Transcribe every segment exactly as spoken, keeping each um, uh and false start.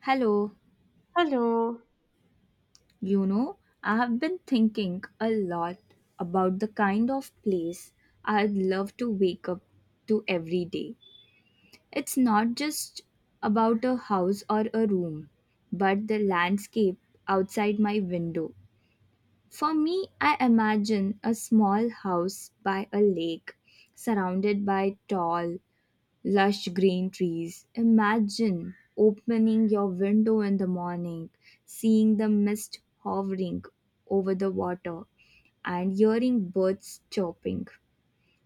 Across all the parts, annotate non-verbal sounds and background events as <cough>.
Hello, Hello. you know, I have been thinking a lot about the kind of place I'd love to wake up to every day. It's not just about a house or a room, but the landscape outside my window. For me, I imagine a small house by a lake, surrounded by tall, lush green trees. Imagine opening your window in the morning, seeing the mist hovering over the water, and hearing birds chirping.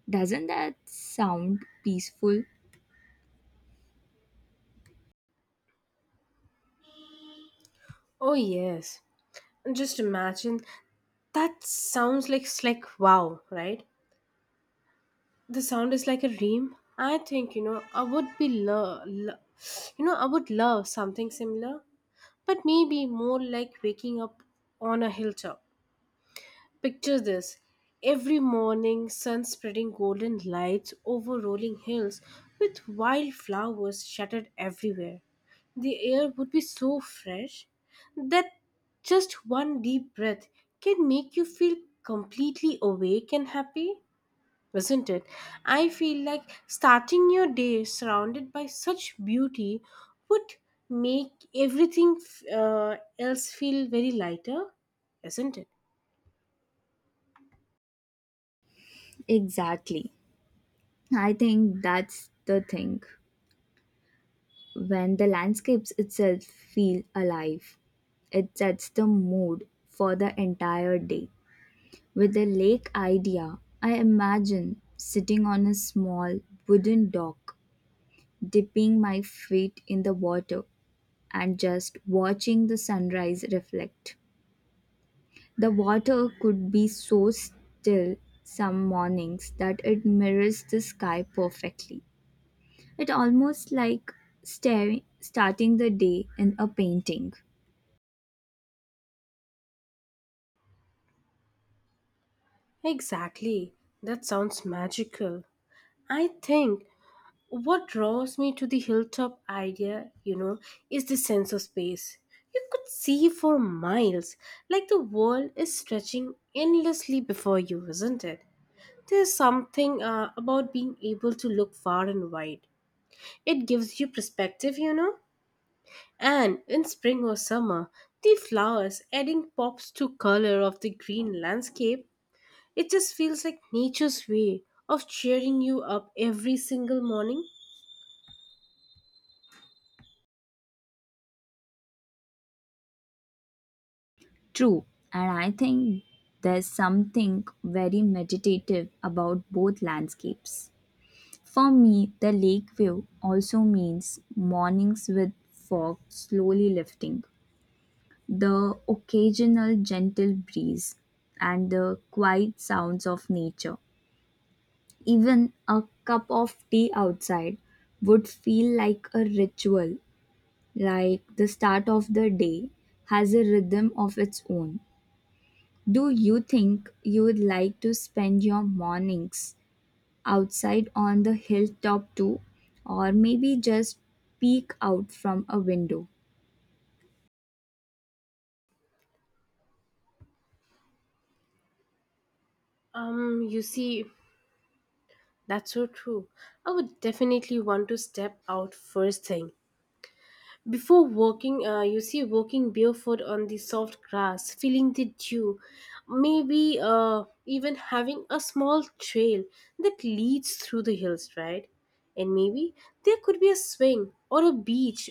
Doesn't that sound peaceful? Oh yes. Just imagine. That sounds like it's like wow, right? The sound is like a dream. I think you know I would be lo- lo- you know I would love something similar, but maybe more like waking up on a hilltop. Picture this every morning, sun spreading golden lights over rolling hills with wildflowers shattered everywhere. The air would be so fresh that just one deep breath can make you feel completely awake and happy, isn't it? I feel like starting your day surrounded by such beauty would make everything uh, else feel very lighter, isn't it? Exactly. I think that's the thing. When the landscapes itself feel alive, it sets the mood for the entire day. With the lake idea, I imagine sitting on a small wooden dock, dipping my feet in the water, and just watching the sunrise reflect. The water could be so still some mornings that it mirrors the sky perfectly. It almost like staring, starting the day in a painting. Exactly. That sounds magical. I think what draws me to the hilltop idea, you know, is the sense of space. You could see for miles, like the world is stretching endlessly before you, isn't it? There's something uh, about being able to look far and wide. It gives you perspective, you know. And in spring or summer, the flowers adding pops to color of the green landscape it just feels like nature's way of cheering you up every single morning. True, and I think there's something very meditative about both landscapes. For me, the lake view also means mornings with fog slowly lifting, the occasional gentle breeze, and the quiet sounds of nature. Even a cup of tea outside would feel like a ritual, like the start of the day has a rhythm of its own. Do you think you would like to spend your mornings outside on the hilltop too, or maybe just peek out from a window? Um, you see, that's so true. I would definitely want to step out first thing. Before walking, uh, you see, walking barefoot on the soft grass, feeling the dew, maybe uh, even having a small trail that leads through the hills, right? And maybe there could be a swing or a beach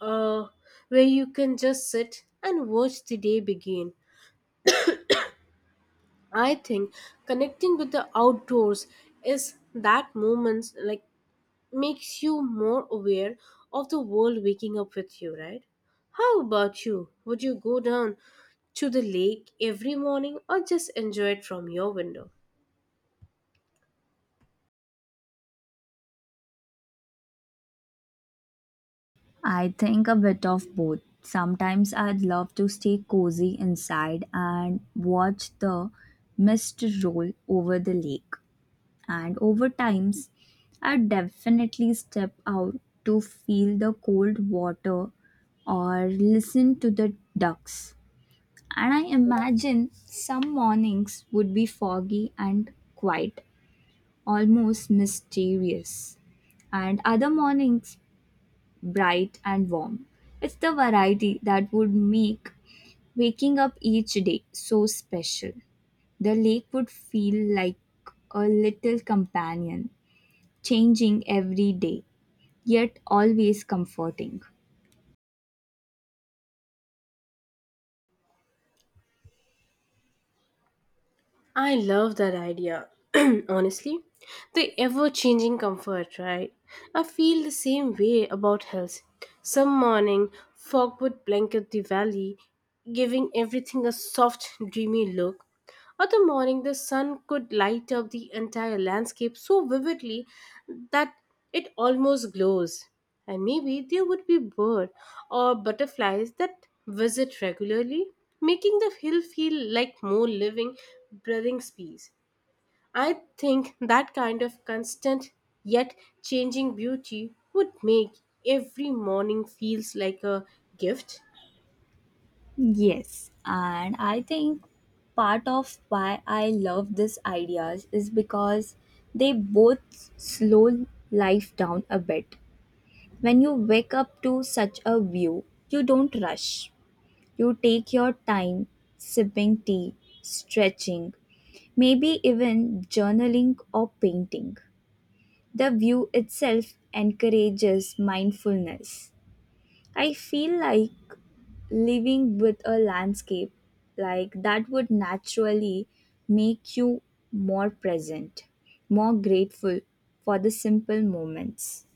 uh, where you can just sit and watch the day begin. I think connecting with the outdoors is that moment like makes you more aware of the world waking up with you, right? How about you? Would you go down to the lake every morning or just enjoy it from your window? I think a bit of both. Sometimes I'd love to stay cozy inside and watch the mist roll over the lake. And over times, I'd definitely step out to feel the cold water or listen to the ducks. And I imagine some mornings would be foggy and quiet, almost mysterious, and other mornings bright and warm. It's the variety that would make waking up each day so special. The lake would feel like a little companion, changing every day, yet always comforting. I love that idea. <clears throat> Honestly, the ever changing comfort, right? I feel the same way about health. Some morning, fog would blanket the valley, giving everything a soft, dreamy look. Other morning, the sun could light up the entire landscape so vividly that it almost glows. And maybe there would be birds or butterflies that visit regularly, making the hill feel like more living, breathing space. I think that kind of constant yet changing beauty would make every morning feels like a gift. Yes, and I think part of why I love these ideas is because they both slow life down a bit. When you wake up to such a view, you don't rush. You take your time, sipping tea, stretching, maybe even journaling or painting. The view itself encourages mindfulness. I feel like living with a landscape like that would naturally make you more present, more grateful for the simple moments.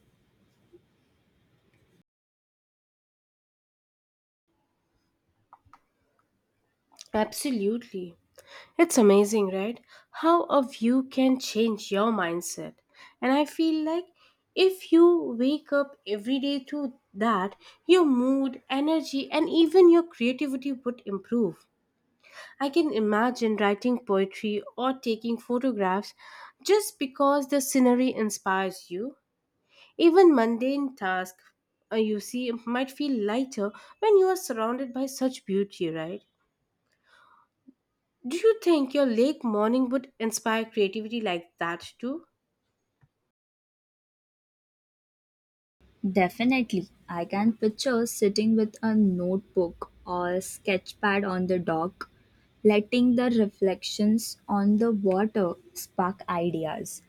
Absolutely. It's amazing, right? How a view can change your mindset. And I feel like if you wake up every day to that, your mood, energy, and even your creativity would improve. I can imagine writing poetry or taking photographs just because the scenery inspires you. Even mundane tasks uh, you see might feel lighter when you are surrounded by such beauty, right? Do you think your lake morning would inspire creativity like that too? Definitely. I can picture sitting with a notebook or a sketch pad on the dock, letting the reflections on the water spark ideas.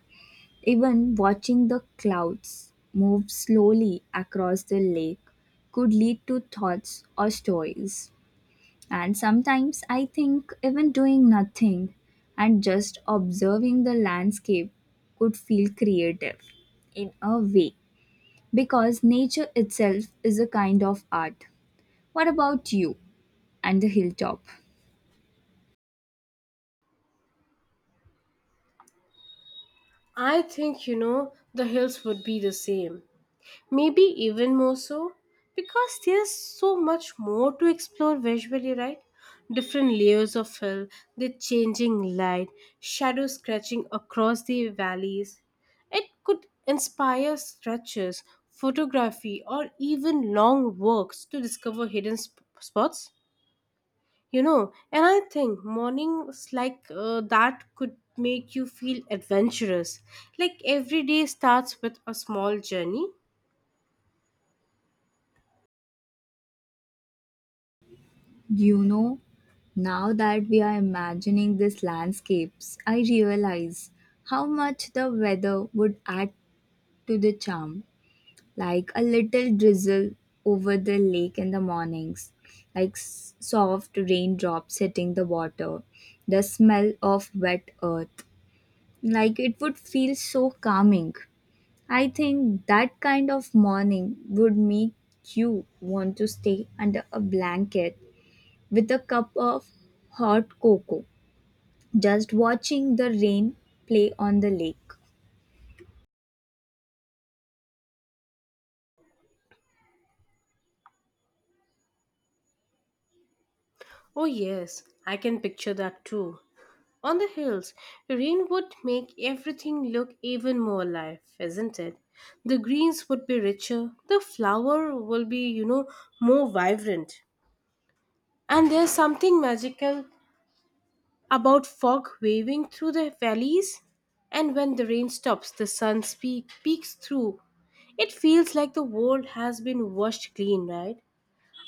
Even watching the clouds move slowly across the lake could lead to thoughts or stories. And sometimes I think even doing nothing and just observing the landscape could feel creative in a way because nature itself is a kind of art. What about you and the hilltop? I think, you know, the hills would be the same. Maybe even more so, because there's so much more to explore visually, right? Different layers of hill, the changing light, shadow scratching across the valleys. It could inspire stretches, photography, or even long walks to discover hidden sp- spots. you know and I think mornings like uh, that could make you feel adventurous, like every day starts with a small journey. You know, now that we are imagining these landscapes, I realize how much the weather would add to the charm. Like a little drizzle over the lake in the mornings, like s- soft raindrops hitting the water, the smell of wet earth. Like it would feel so calming. I think that kind of morning would make you want to stay under a blanket with a cup of hot cocoa, just watching the rain play on the lake. Oh yes, I can picture that too. On the hills, rain would make everything look even more alive, isn't it? The greens would be richer, the flower will be, you know more vibrant. And there's something magical about fog waving through the valleys, and when the rain stops, the sun speak, peeks through. It feels like the world has been washed clean, right?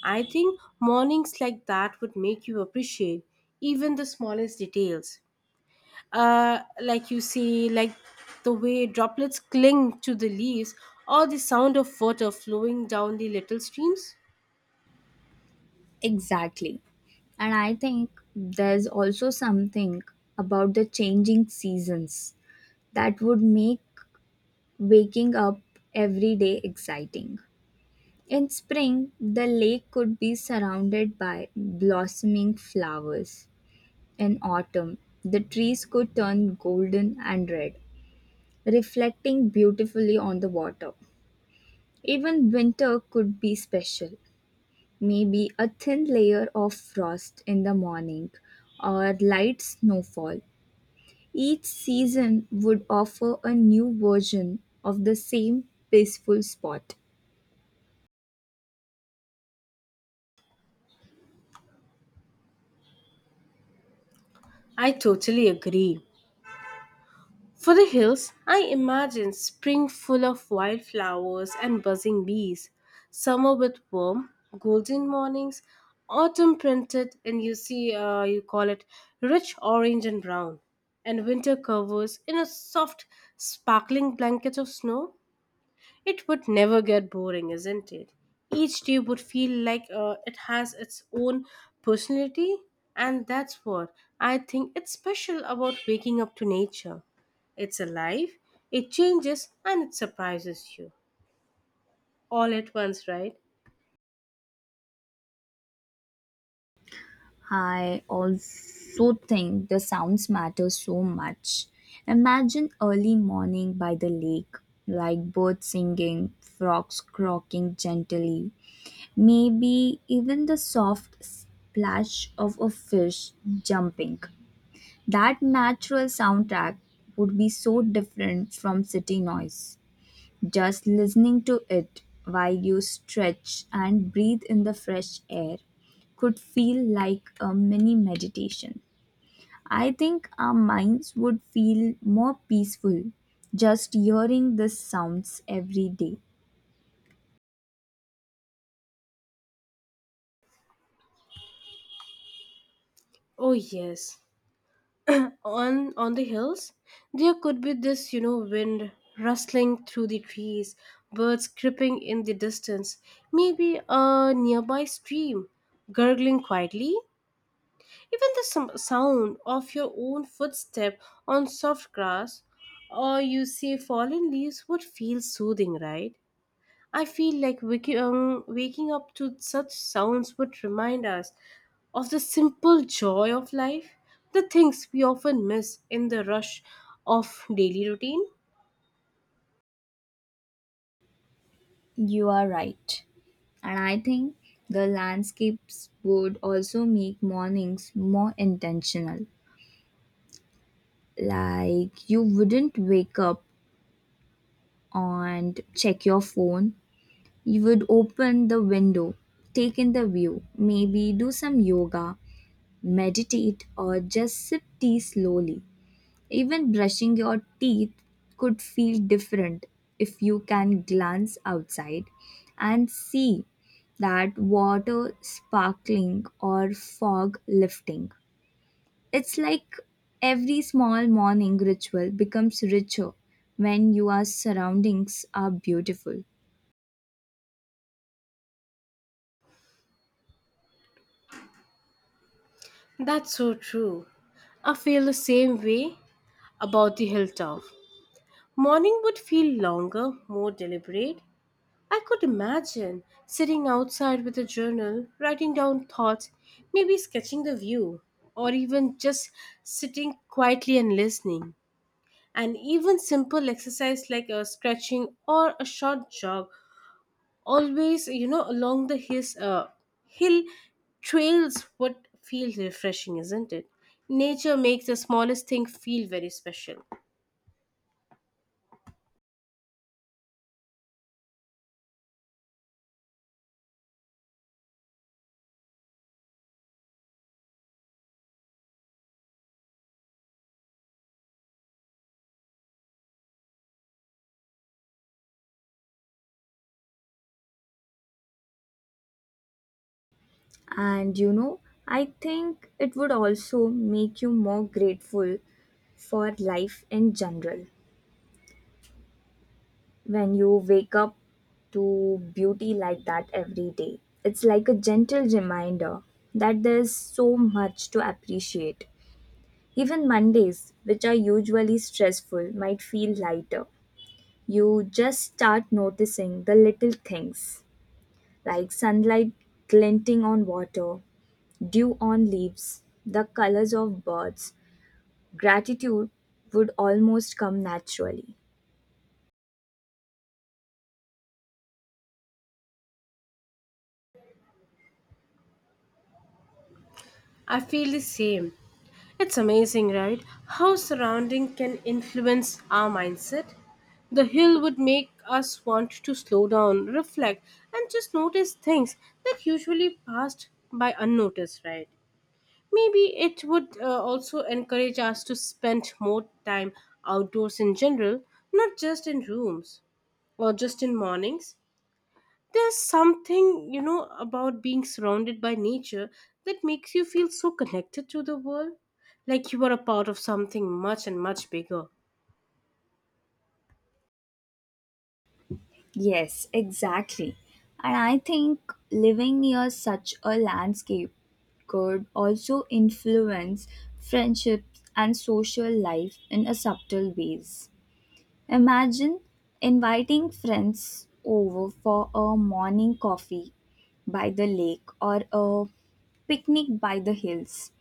I think mornings like that would make you appreciate even the smallest details. Uh, like you see, like the way droplets cling to the leaves or the sound of water flowing down the little streams. Exactly. And I think there's also something about the changing seasons that would make waking up every day exciting. In spring, the lake could be surrounded by blossoming flowers. In autumn, the trees could turn golden and red, reflecting beautifully on the water. Even winter could be special. Maybe a thin layer of frost in the morning or light snowfall. Each season would offer a new version of the same peaceful spot. I totally agree. For the hills, I imagine spring full of wildflowers and buzzing bees, summer with warm, golden mornings, autumn printed, and you see, uh, you call it rich orange and brown, and winter covers in a soft, sparkling blanket of snow. It would never get boring, isn't it? Each day would feel like uh, it has its own personality, and that's what I think it's special about waking up to nature. It's alive, it changes, and it surprises you all at once, right? I also think the sounds matter so much. Imagine early morning by the lake, like birds singing, frogs croaking gently, maybe even the soft splash of a fish jumping. That natural soundtrack would be so different from city noise. Just listening to it while you stretch and breathe in the fresh air could feel like a mini meditation. I think our minds would feel more peaceful just hearing these sounds every day. Oh yes. On on the hills, there could be this, you know, wind rustling through the trees, birds creeping in the distance, maybe a nearby stream gurgling quietly. Even the som- sound of your own footstep on soft grass or you see fallen leaves would feel soothing, right? I feel like wiki- um, waking up to such sounds would remind us of the simple joy of life, the things we often miss in the rush of daily routine. You are right. And I think the landscapes would also make mornings more intentional. Like you wouldn't wake up and check your phone. You would open the window, take in the view, maybe do some yoga, meditate, or just sip tea slowly. Even brushing your teeth could feel different if you can glance outside and see that water sparkling or fog lifting. It's like every small morning ritual becomes richer when your surroundings are beautiful. That's so true. I feel the same way about the hilltop. Morning would feel longer, more deliberate. I could imagine sitting outside with a journal, writing down thoughts, maybe sketching the view, or even just sitting quietly and listening. And even simple exercise like a stretching or a short jog, always, you know, along the his, uh, hill trails would feel refreshing, isn't it? Nature makes the smallest thing feel very special. And you know, I think it would also make you more grateful for life in general when you wake up to beauty like that every day. It's like a gentle reminder that there's so much to appreciate. Even Mondays, which are usually stressful, might feel lighter. You just start noticing the little things like sunlight glinting on water, dew on leaves, the colors of birds, gratitude would almost come naturally. I feel the same. It's amazing, right? How surrounding can influence our mindset. The hill would make us want to slow down, reflect, and just notice things that usually passed by unnoticed, right? Maybe it would uh, also encourage us to spend more time outdoors in general, not just in rooms or just in mornings. There's something, you know, about being surrounded by nature that makes you feel so connected to the world, like you are a part of something much and much bigger. Yes, exactly. And I think living near such a landscape could also influence friendships and social life in a subtle ways. Imagine inviting friends over for a morning coffee by the lake or a picnic by the hills.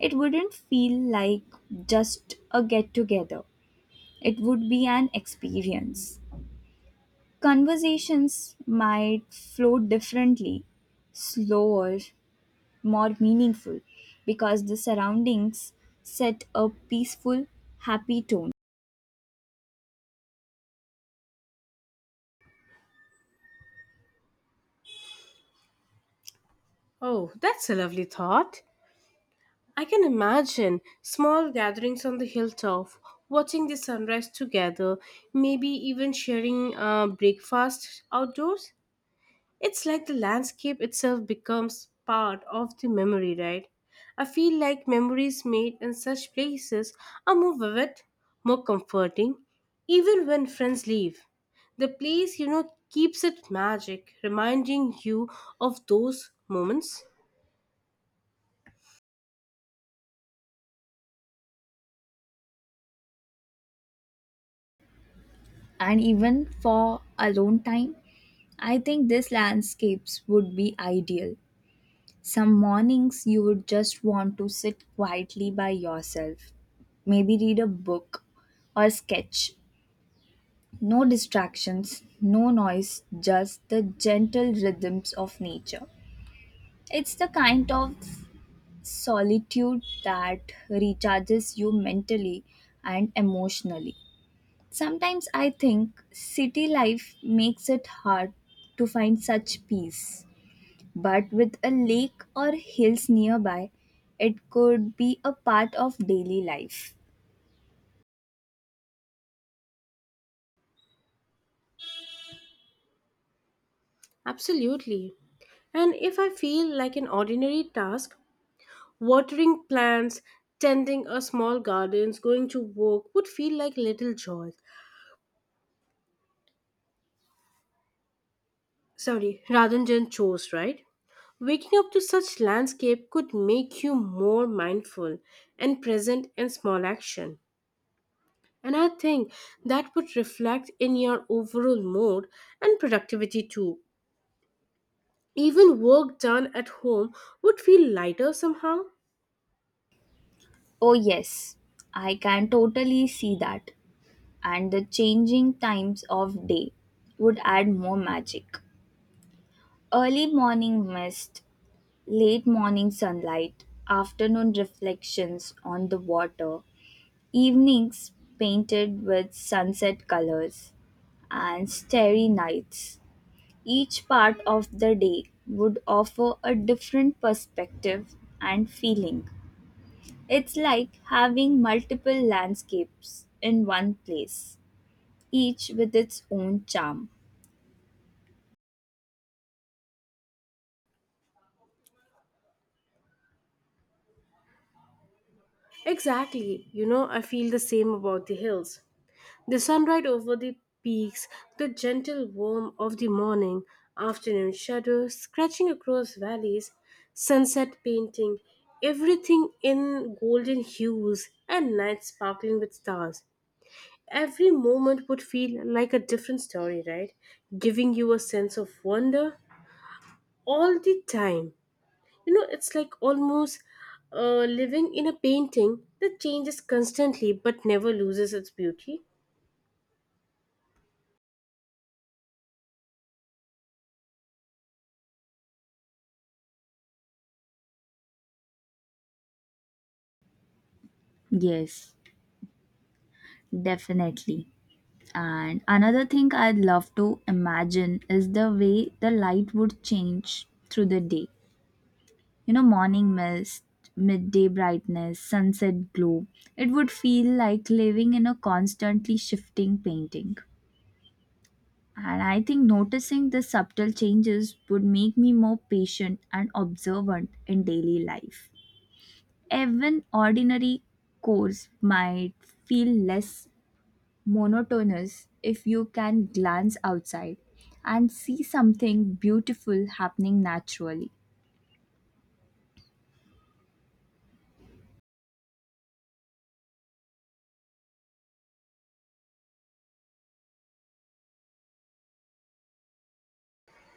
It wouldn't feel like just a get together. It would be an experience. Conversations might flow differently, slower, more meaningful, because the surroundings set a peaceful, happy tone. Oh, that's a lovely thought. I can imagine small gatherings on the hilltop, watching the sunrise together, maybe even sharing uh, breakfast outdoors. It's like the landscape itself becomes part of the memory, right? I feel like memories made in such places are more vivid, more comforting, even when friends leave. The place, you know, keeps it magic, reminding you of those moments. And even for alone time, I think these landscapes would be ideal. Some mornings you would just want to sit quietly by yourself, maybe read a book or sketch. No distractions, no noise, just the gentle rhythms of nature. It's the kind of solitude that recharges you mentally and emotionally. Sometimes I think city life makes it hard to find such peace, but with a lake or hills nearby, it could be a part of daily life. Absolutely. And if I feel like an ordinary task, watering plants, tending a small gardens, going to work would feel like little joy. Sorry, rather chose, right? Waking up to such landscape could make you more mindful and present in small action. And I think that would reflect in your overall mood and productivity too. Even work done at home would feel lighter somehow. Oh, yes, I can totally see that. And the changing times of day would add more magic. Early morning mist, late morning sunlight, afternoon reflections on the water, evenings painted with sunset colors, and starry nights. Each part of the day would offer a different perspective and feeling. It's like having multiple landscapes in one place, each with its own charm. Exactly. You know, I feel the same about the hills. The sunlight over the peaks, the gentle warmth of the morning, afternoon shadows scratching across valleys, sunset painting, everything in golden hues, and nights sparkling with stars. Every moment would feel like a different story, right? Giving you a sense of wonder all the time. You know, it's like almost uh, living in a painting that changes constantly but never loses its beauty. Yes, definitely. And another thing I'd love to imagine is the way the light would change through the day. You know, morning mist, midday brightness, sunset glow. It would feel like living in a constantly shifting painting. And I think noticing the subtle changes would make me more patient and observant in daily life. Even ordinary course might feel less monotonous if you can glance outside and see something beautiful happening naturally.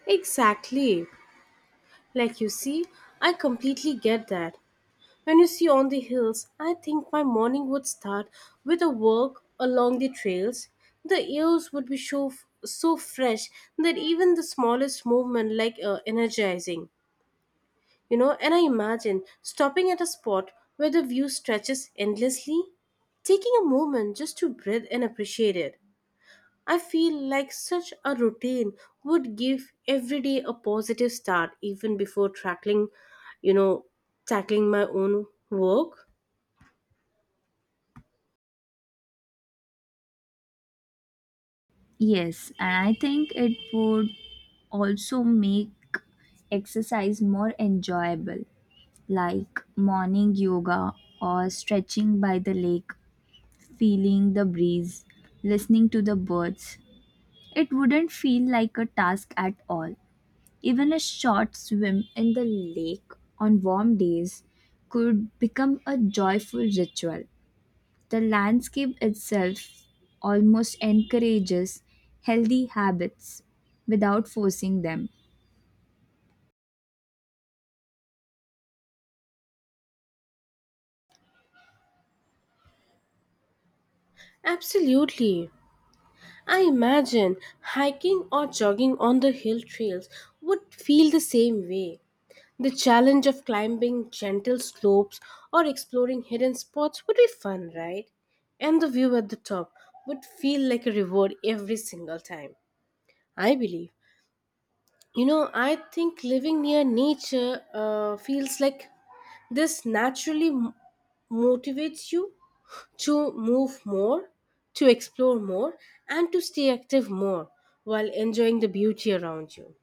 Exactly. Like you see, I completely get that. When you see on the hills, I think my morning would start with a walk along the trails. The airs would be so, so fresh that even the smallest movement like uh, energizing. You know, and I imagine stopping at a spot where the view stretches endlessly, taking a moment just to breathe and appreciate it. I feel like such a routine would give every day a positive start even before tackling, you know, tackling my own work. Yes, and I think it would also make exercise more enjoyable, like morning yoga or stretching by the lake, feeling the breeze, listening to the birds. It wouldn't feel like a task at all. Even a short swim in the lake on warm days could become a joyful ritual. The landscape itself almost encourages healthy habits without forcing them. Absolutely. I imagine hiking or jogging on the hill trails would feel the same way. The challenge of climbing gentle slopes or exploring hidden spots would be fun, right? And the view at the top would feel like a reward every single time. I believe, You know, I think living near nature uh, feels like this naturally m- motivates you to move more, to explore more, and to stay active more while enjoying the beauty around you.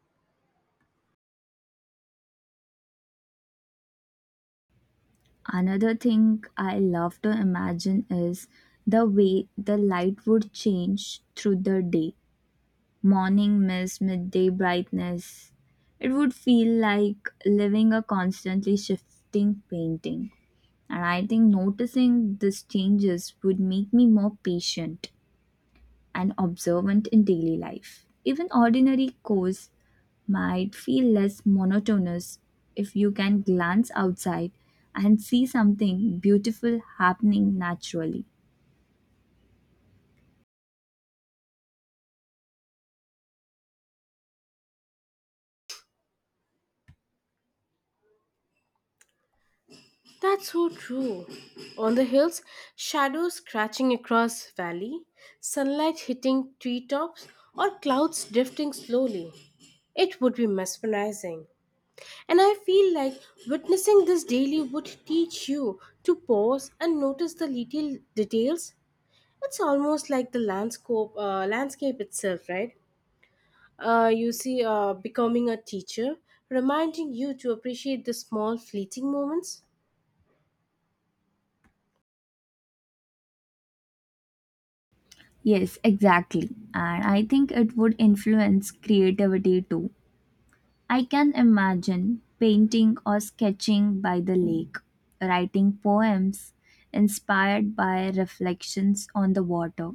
Another thing I love to imagine is the way the light would change through the day. Morning mist, midday brightness. It would feel like living a constantly shifting painting. And I think noticing these changes would make me more patient and observant in daily life. Even ordinary chores might feel less monotonous if you can glance outside and see something beautiful happening naturally. That's so true. On the hills, shadows scratching across valley, sunlight hitting treetops, or clouds drifting slowly. It would be mesmerizing. And I feel like witnessing this daily would teach you to pause and notice the little details. It's almost like the landscape, uh, landscape itself, right? Uh, you see, uh, becoming a teacher, reminding you to appreciate the small fleeting moments. Yes, exactly. And I think it would influence creativity too. I can imagine painting or sketching by the lake, writing poems inspired by reflections on the water,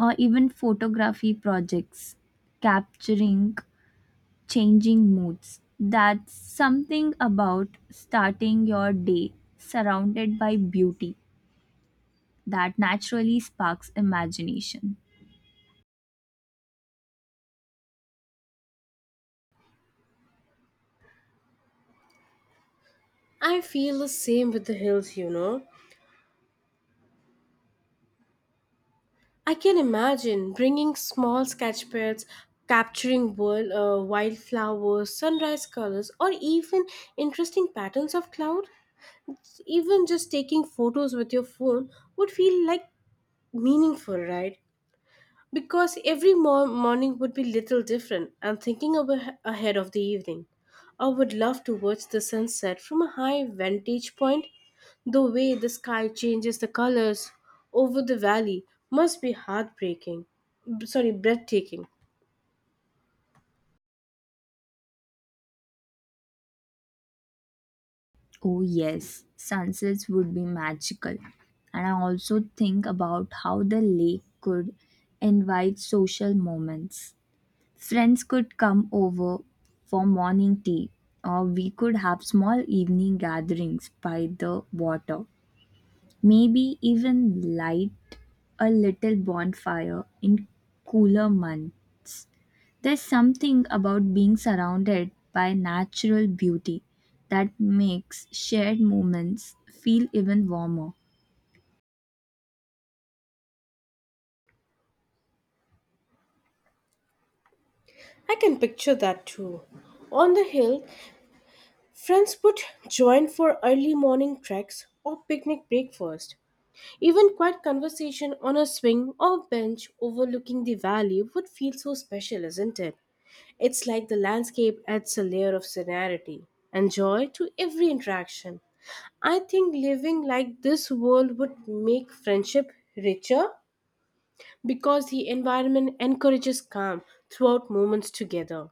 or even photography projects capturing changing moods. That's something about starting your day surrounded by beauty that naturally sparks imagination. I feel the same with the hills, you know. I can imagine bringing small sketch pads, capturing wild, uh, wildflowers, sunrise colors, or even interesting patterns of cloud. So even just taking photos with your phone would feel like meaningful, right? Because every mor- morning would be little different. I'm thinking of a- ahead of the evening. I would love to watch the sunset from a high vantage point. The way the sky changes the colors over the valley must be heartbreaking. B- Sorry, breathtaking. Oh, yes, sunsets would be magical. And I also think about how the lake could invite social moments. Friends could come over for morning tea, or we could have small evening gatherings by the water. Maybe even light a little bonfire in cooler months. There's something about being surrounded by natural beauty that makes shared moments feel even warmer. I can picture that too. On the hill, friends would join for early morning treks or picnic breakfast. Even quiet conversation on a swing or bench overlooking the valley would feel so special, isn't it? It's like the landscape adds a layer of serenity and joy to every interaction. I think living like this world would make friendship richer because the environment encourages calm throughout moments together.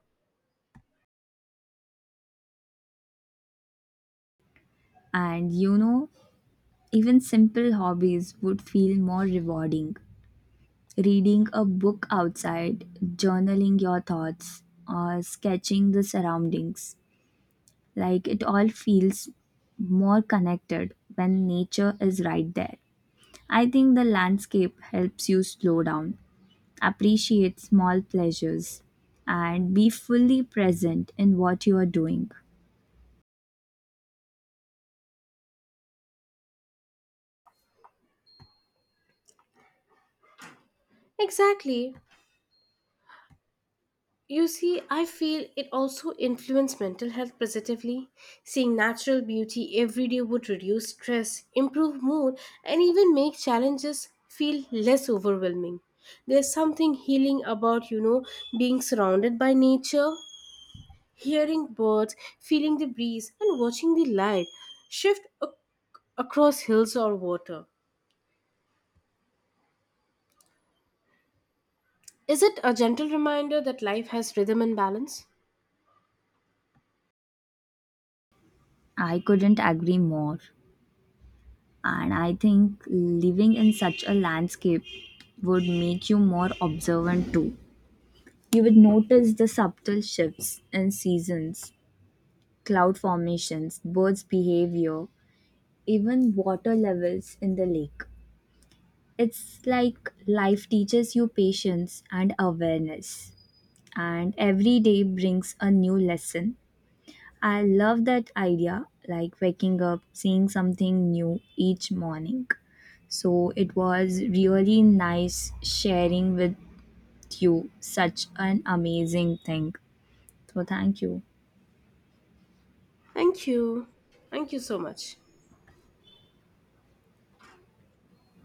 And you know, even simple hobbies would feel more rewarding. Reading a book outside, journaling your thoughts, or sketching the surroundings. Like it all feels more connected when nature is right there. I think the landscape helps you slow down, appreciate small pleasures and be fully present in what you are doing. Exactly. You see, I feel it also influences mental health positively. Seeing natural beauty every day would reduce stress, improve mood, and even make challenges feel less overwhelming. There's something healing about, you know, being surrounded by nature, hearing birds, feeling the breeze, and watching the light shift ac- across hills or water. Is it a gentle reminder that life has rhythm and balance? I couldn't agree more. And I think living in such a landscape would make you more observant too. You would notice the subtle shifts in seasons, cloud formations, birds' behavior, even water levels in the lake. It's like life teaches you patience and awareness, and every day brings a new lesson. I love that idea, like waking up, seeing something new each morning. So it was really nice sharing with you such an amazing thing. So thank you. Thank you. Thank you so much.